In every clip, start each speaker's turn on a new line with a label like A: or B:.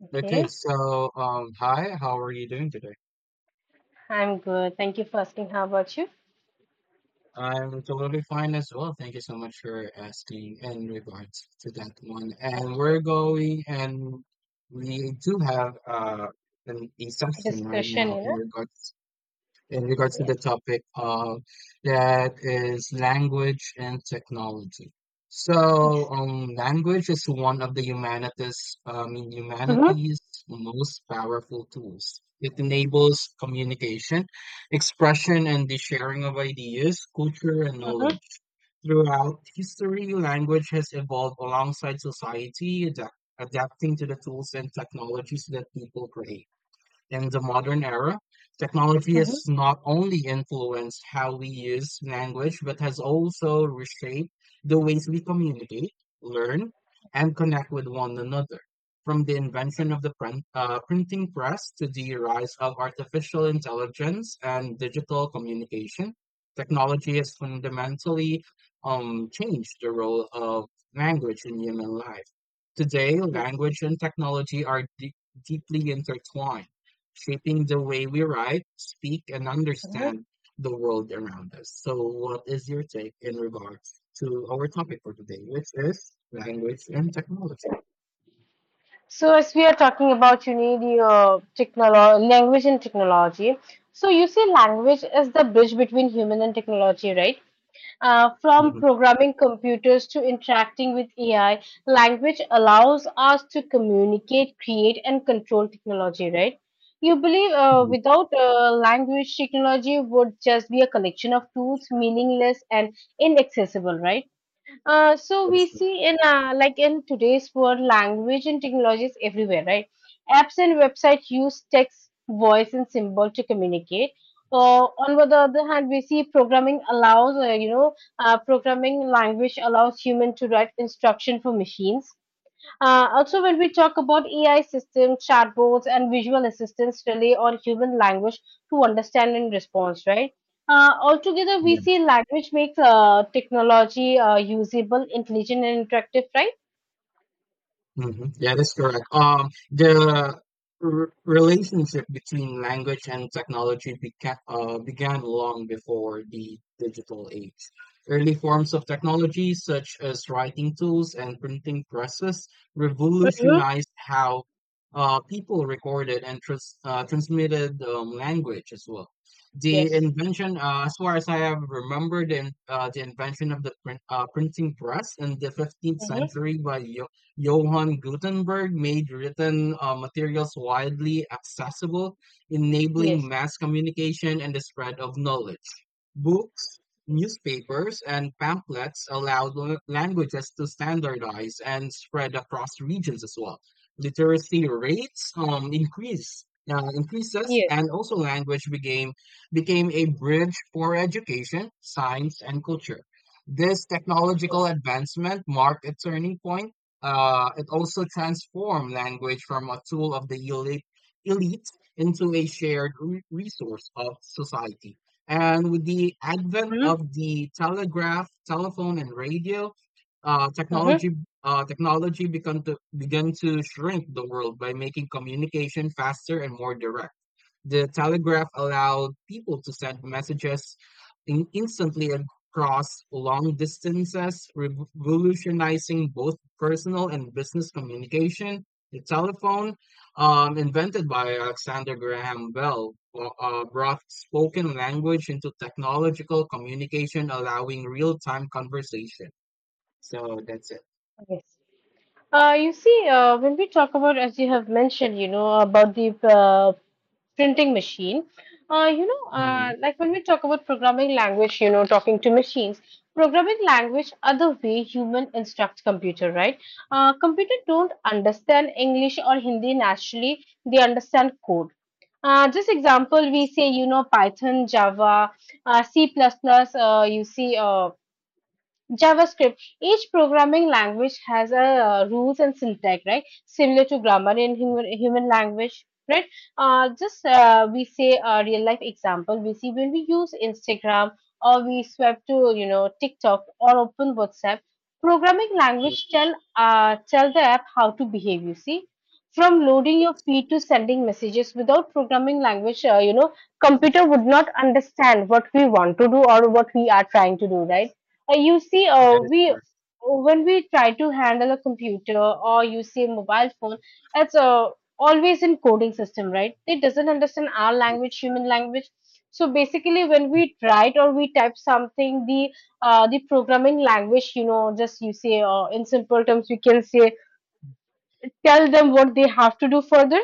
A: Okay.
B: Okay, hi, how are you doing today?
A: I'm good. Thank you for asking. How about you?
B: I'm totally fine as well. Thank you so much for asking in regards to that one. And we're
A: Okay,
B: going, and we do have a session right
A: discussion,
B: now in regards in regards to the
A: Yes,
B: topic of that is language and technology.
A: exactly.
B: Language is one of the
A: Mm-hmm,
B: humanity's most powerful tools. It enables communication, expression, and the sharing of ideas, culture, and
A: mm-hmm,
B: knowledge. Throughout history, language has evolved alongside society, adapting to the tools and technologies that people create. In the modern era, technology
A: mm-hmm.
B: has not only influenced how we use language, but has also reshaped the ways we communicate, learn, and connect with one another. From the invention of the printing press to the rise of artificial intelligence and digital communication, technology has fundamentally changed the role of language in human life. Today,
A: Yes.
B: language and technology are deeply intertwined, shaping the way we write, speak, and
A: Mm-hmm.
B: understand the world around us. So, what is your take in regards to our topic for today, which is language and technology?
A: So, as we are talking about, you need your technology, language and technology. So, you say language is the bridge between human and technology, right? From
B: Mhm.
A: programming computers to interacting with AI, language allows us to communicate, create, and control technology, right? You believe uh,
B: Mhm.
A: without uh, language, technology would just be a collection of tools, meaningless and inaccessible, right? So
B: That
A: we
B: is good.
A: see in like in today's world, language and technology is everywhere, right? Apps and websites use text, voice, and symbol to communicate. On the other hand, we see programming language allows human to write instruction for machines. Also, when we talk about AI systems, chatbots, and visual assistants rely on human language to understand and response, right? Altogether, we
B: Yeah.
A: see language makes technology usable, intelligent, and interactive, right?
B: Mhm. Yeah, that's correct. The r relationship between language and technology beca began long before the digital age. Early forms of technology, such as writing tools and printing presses,
A: Mm-hmm.
B: revolutionized how people recorded and transmitted language as well. The
A: Yes.
B: invention, as far as I have remembered, in, the invention of the printing press in the 15th
A: Mm-hmm.
B: century by Johann Gutenberg made written materials widely accessible, enabling
A: Yes.
B: mass communication and the spread of knowledge. Books,
A: Yes.
B: newspapers, and pamphlets allowed languages to standardize and spread across regions as well. Literacy rates increased. Increases,
A: Yes.
B: and also language became a bridge for education, science, and culture. This technological
A: Yes.
B: advancement marked a turning point, it also transformed language from a tool of the elite into a shared resource of society. And with the advent
A: Mm-hmm.
B: of the telegraph, telephone, and radio, uh,
A: Mm-hmm.
B: technology technology began to shrink the world by making communication faster and more direct. The telegraph allowed people to send messages instantly across long distances, revolutionizing both personal and business communication. The telephone, invented by Alexander Graham Bell, brought spoken language into technological communication, allowing real time conversation. So that's it.
A: Yes. When we talk about, as you have mentioned, about the printing machine,
B: Mhm.
A: like when we talk about programming language, you know, talking to machines, programming language are the way human instruct computer, right? Computer don't understand English or Hindi naturally; they understand code. Just
B: Yes,
A: example, we say, you know, Python, Java, C++, JavaScript. Each programming language has a rules and syntax, right? Similar to grammar in human language, right? Just We say a real life example. We see when we use Instagram or we swipe to, you know, TikTok or open WhatsApp. Programming
B: yes,
A: language tell the app how to behave. You see, from loading your
B: yes,
A: feed to
B: yes.
A: sending messages without programming language, computer would not understand what we want to do or what we are trying to do, right? You see,
B: That is
A: we
B: correct.
A: When we try to handle a computer or you see a mobile phone, it's always in coding system, right? It doesn't understand our language,
B: Yes.
A: human language. So basically, when we write or we type something, the programming language, you know, just you say in simple terms, we can say tell them what they have to do further,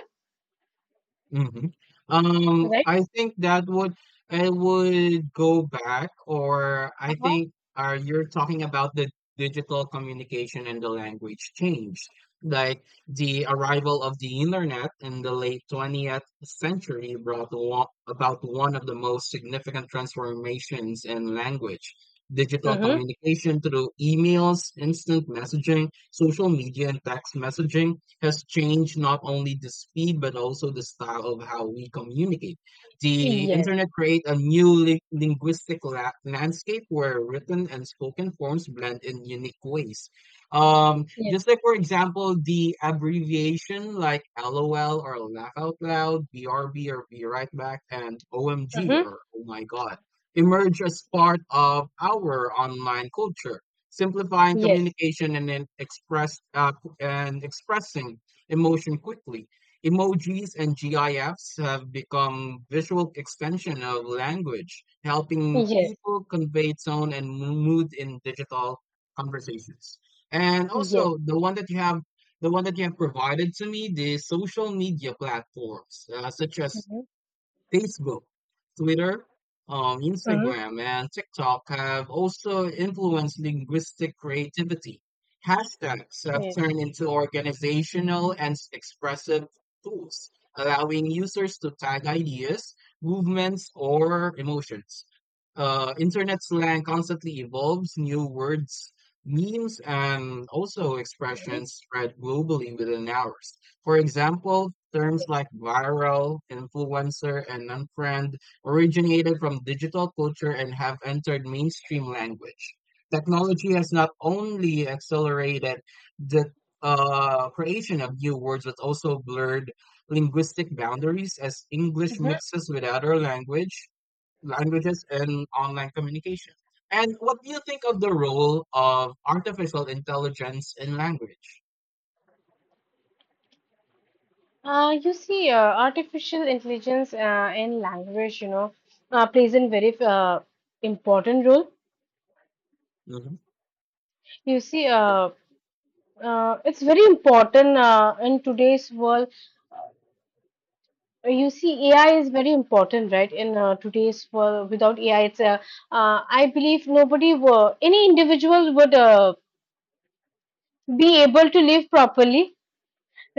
B: Mhm. Um,
A: right?
B: I think that would I would go back, or I
A: Uh-huh.
B: think you're talking about the digital communication and the language change, like the arrival of the internet in the late 20th century brought about one of the most significant transformations in language. Digital
A: Mm-hmm.
B: communication through emails, instant messaging, social media, and text messaging has changed not only the speed but also the style of how we communicate. The
A: Yes.
B: internet create a new linguistic landscape where written and spoken forms blend in unique ways.
A: Yes.
B: Just like for example, the abbreviation like LOL or laugh out loud, BRB or be right back, and OMG
A: Mm-hmm.
B: or oh my god emerge as part of our online culture, simplifying
A: Yes.
B: communication and then expressing emotion quickly. Emojis and GIFs have become visual extension of language, helping
A: Yes.
B: people convey tone and mood in digital conversations. And
A: Yes.
B: also the one that you have provided to me, the social media platforms such as
A: Mm-hmm.
B: Facebook, Twitter,
A: Mm-hmm.
B: Instagram, and TikTok have also influenced linguistic creativity. Hashtags have
A: Yes.
B: turned into organizational and expressive tools, allowing users to tag ideas, movements, or emotions. Internet slang constantly evolves, new words, memes, and also expressions spread globally within hours. For example, terms like viral, influencer, and unfriend originated from digital culture and have entered mainstream language. Technology has not only accelerated the creation of new words, but also blurred linguistic boundaries as English
A: Yes.
B: mixes with other languages and online communication. And what do you think of the role of artificial intelligence in language?
A: Artificial intelligence in language, you know, plays a very important role.
B: Mhm.
A: You see,
B: Yeah.
A: uh, it's very important in today's world. You see, AI is very important, right? In today's world, without AI, it's I believe nobody, any individual would be able to live properly.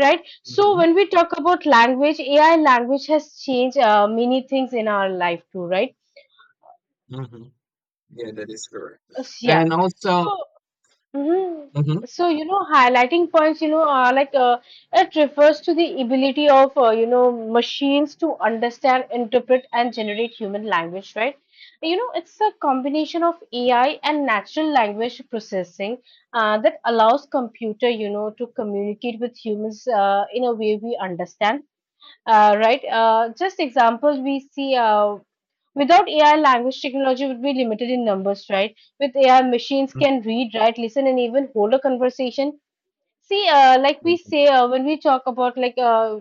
A: Right. So
B: Mhm.
A: when we talk about language, AI language has changed many things in our life too, right?
B: Mhm. Yeah, that is correct.
A: Uh, S- yeah
B: And also,
A: so mhm.
B: hmm,
A: Highlighting points, it refers to the ability of, machines to understand, interpret and generate human language, right? You know, it's a combination of AI and natural language processing that allows computer, you know, to communicate with humans in a way we understand, right. Just examples we see without AI, language technology would be limited in numbers, right? With AI, machines can read, write, listen, and even hold a conversation. See, like we say when we talk about like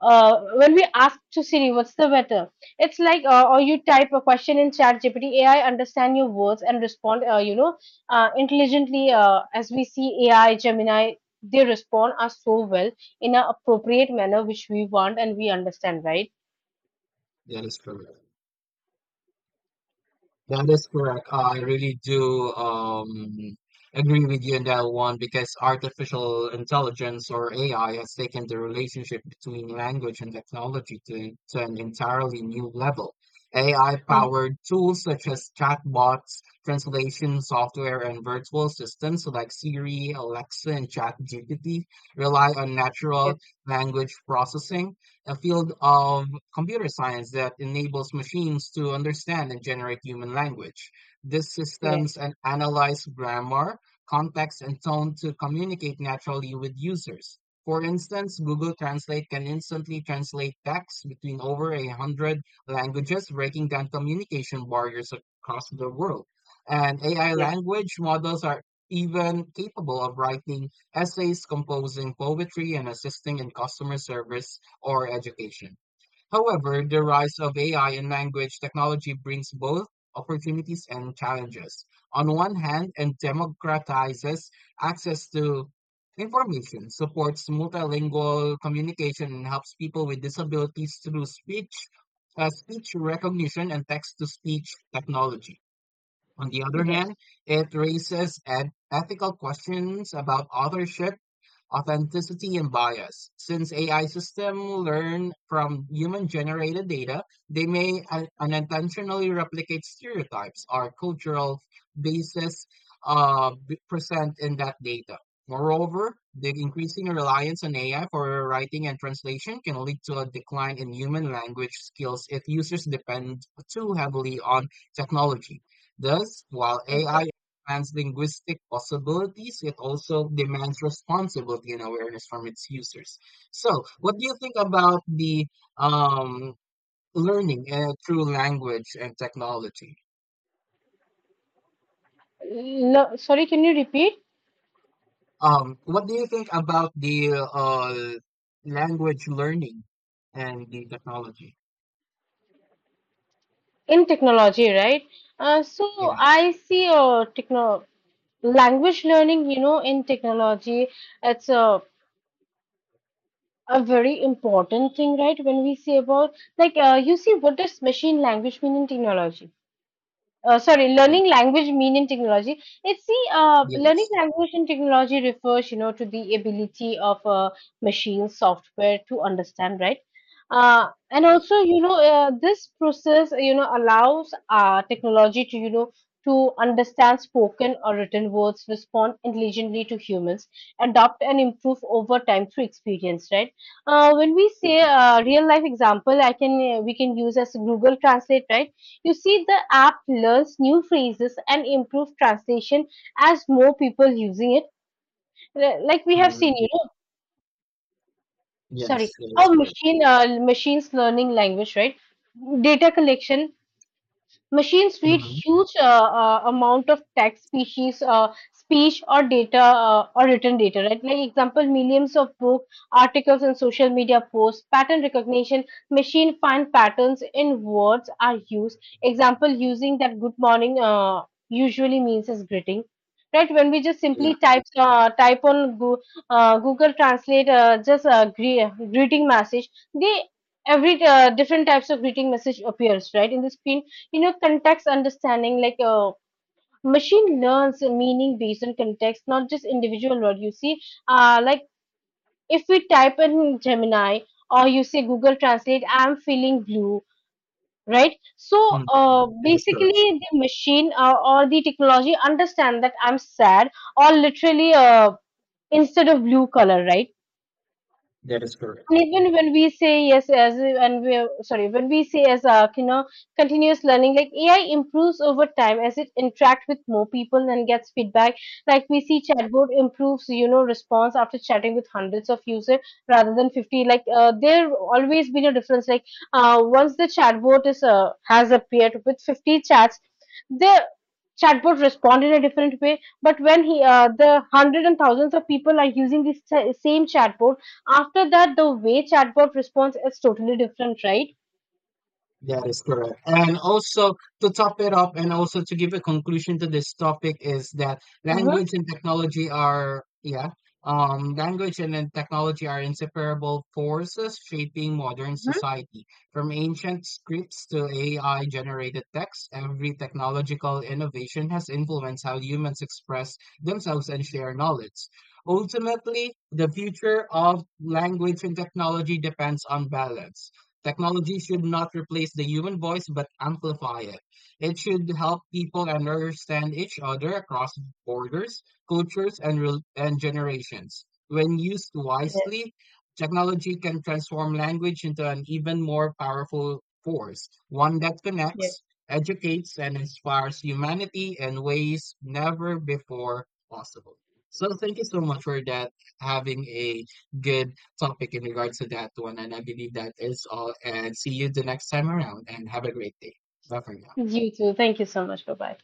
A: When we ask to Siri, what's the weather? It's like or you type a question in Chat GPT, AI understand your words and respond, intelligently. As we see AI, Gemini, they respond us so well in an appropriate manner which we want and we understand, right?
B: that is correct. That is correct. I really do agree with you on that one because artificial intelligence or AI has taken the relationship between language and technology to an entirely new level.
A: Mhm.
B: AI-powered tools such as chatbots, translation software, and virtual assistants like Siri, Alexa, and ChatGPT rely on natural
A: Yes.
B: language processing, a field of computer science that enables machines to understand and generate human language. These systems
A: Yes,
B: analyze grammar, context, and tone to communicate naturally with users. For instance, Google Translate can instantly translate text between over a hundred languages, breaking down communication barriers across the world. And AI
A: yes,
B: language models are even capable of writing essays, composing poetry, and assisting in customer service or education. However, the rise of AI and language technology brings both opportunities and challenges. On one hand, it democratizes access to information, supports multilingual communication, and helps people with disabilities through speech recognition and text to speech technology. On the other
A: yes.
B: hand, it raises ethical questions about authorship, authenticity, and bias. Since AI systems learn from human generated data, they may unintentionally replicate stereotypes or cultural basis present in that data. Moreover, the increasing reliance on AI for writing and translation can lead to a decline in human language skills if users depend too heavily on technology. Thus, while AI
A: Perfect.
B: expands linguistic possibilities, it also demands responsibility and awareness from its users. So, what do you think about the um, learning through language and technology?
A: No, sorry, can you repeat?
B: What do you think about the language learning and the technology?
A: In technology, right? So
B: Yes.
A: I see techno Language learning, you know, in technology, it's a very important thing, right? When we say about you see, what does machine language mean in technology? Sorry,
B: Mm.
A: learning language mean in technology. Learning
B: Yes.
A: language in technology refers, you know, to the ability of a machine software to understand, right? And
B: Yes.
A: also, this process, you know, allows technology to, you know, to understand spoken or written words, respond intelligently to humans, adopt and improve over time through experience, right? When we say
B: Mm,
A: Real life example, I can we can use as Google Translate, right? You see the app learns new phrases and improve translation as more people using it. Like we have seen,
B: mm.
A: you know, sorry,
B: Yes, that is
A: how
B: correct.
A: machine uh, machines learning language, right? Data collection. Machines read
B: Mhm.
A: huge amount of text, speech, or data, or written data. Right? Like example, millions of book articles and social media posts. Pattern recognition: machine find patterns in words are used. Example, using that good morning usually means as greeting. Right? When we just
B: Yeah.
A: simply type on Google Translate, greeting message, they every different types of greeting message appears right in the screen. You know, context understanding, machine learns meaning based on context, not just individual word, you see. uh, like if we type in Gemini or you say Google Translate, I'm feeling blue, right? so
B: Mm.
A: uh,
B: That is correct.
A: basically the machine or the technology understand that I'm sad or literally, instead of blue color, right?
B: That is correct.
A: And even when we say yes, as and we are- sorry, when we say as a, you know, continuous learning, like AI improves over time as it interacts with more people and gets feedback. Like we see chatbot improves, you know, response after chatting with hundreds of users rather than 50. There always been a difference. Once the chatbot is has appeared with 50 chats, the chatbot respond in a different way. But when he the hundreds and thousands of people are using this same chatbot, after that, the way chatbot responds is totally different, right?
B: That is correct. And also to top it up and also to give a conclusion to this topic is that
A: Mm-hmm.
B: language and technology are language and then technology are inseparable forces shaping modern
A: Mm-hmm.
B: society. From ancient scripts to AI generated text, every technological innovation has influenced how humans express themselves and share knowledge. Ultimately, the future of language and technology depends on balance. Technology should not replace the human voice but amplify it. It should help people understand each other across borders, cultures, and generations. When used
A: Yes,
B: wisely, technology can transform language into an even more powerful force, one that
A: yes.
B: connects, educates, and inspires humanity in ways never before possible. So, thank you so much for that, having a good topic in regards to that one. And I believe that is all. And see you the next time around and have a great day. Bye for now.
A: You too. Thank you so much. Bye bye.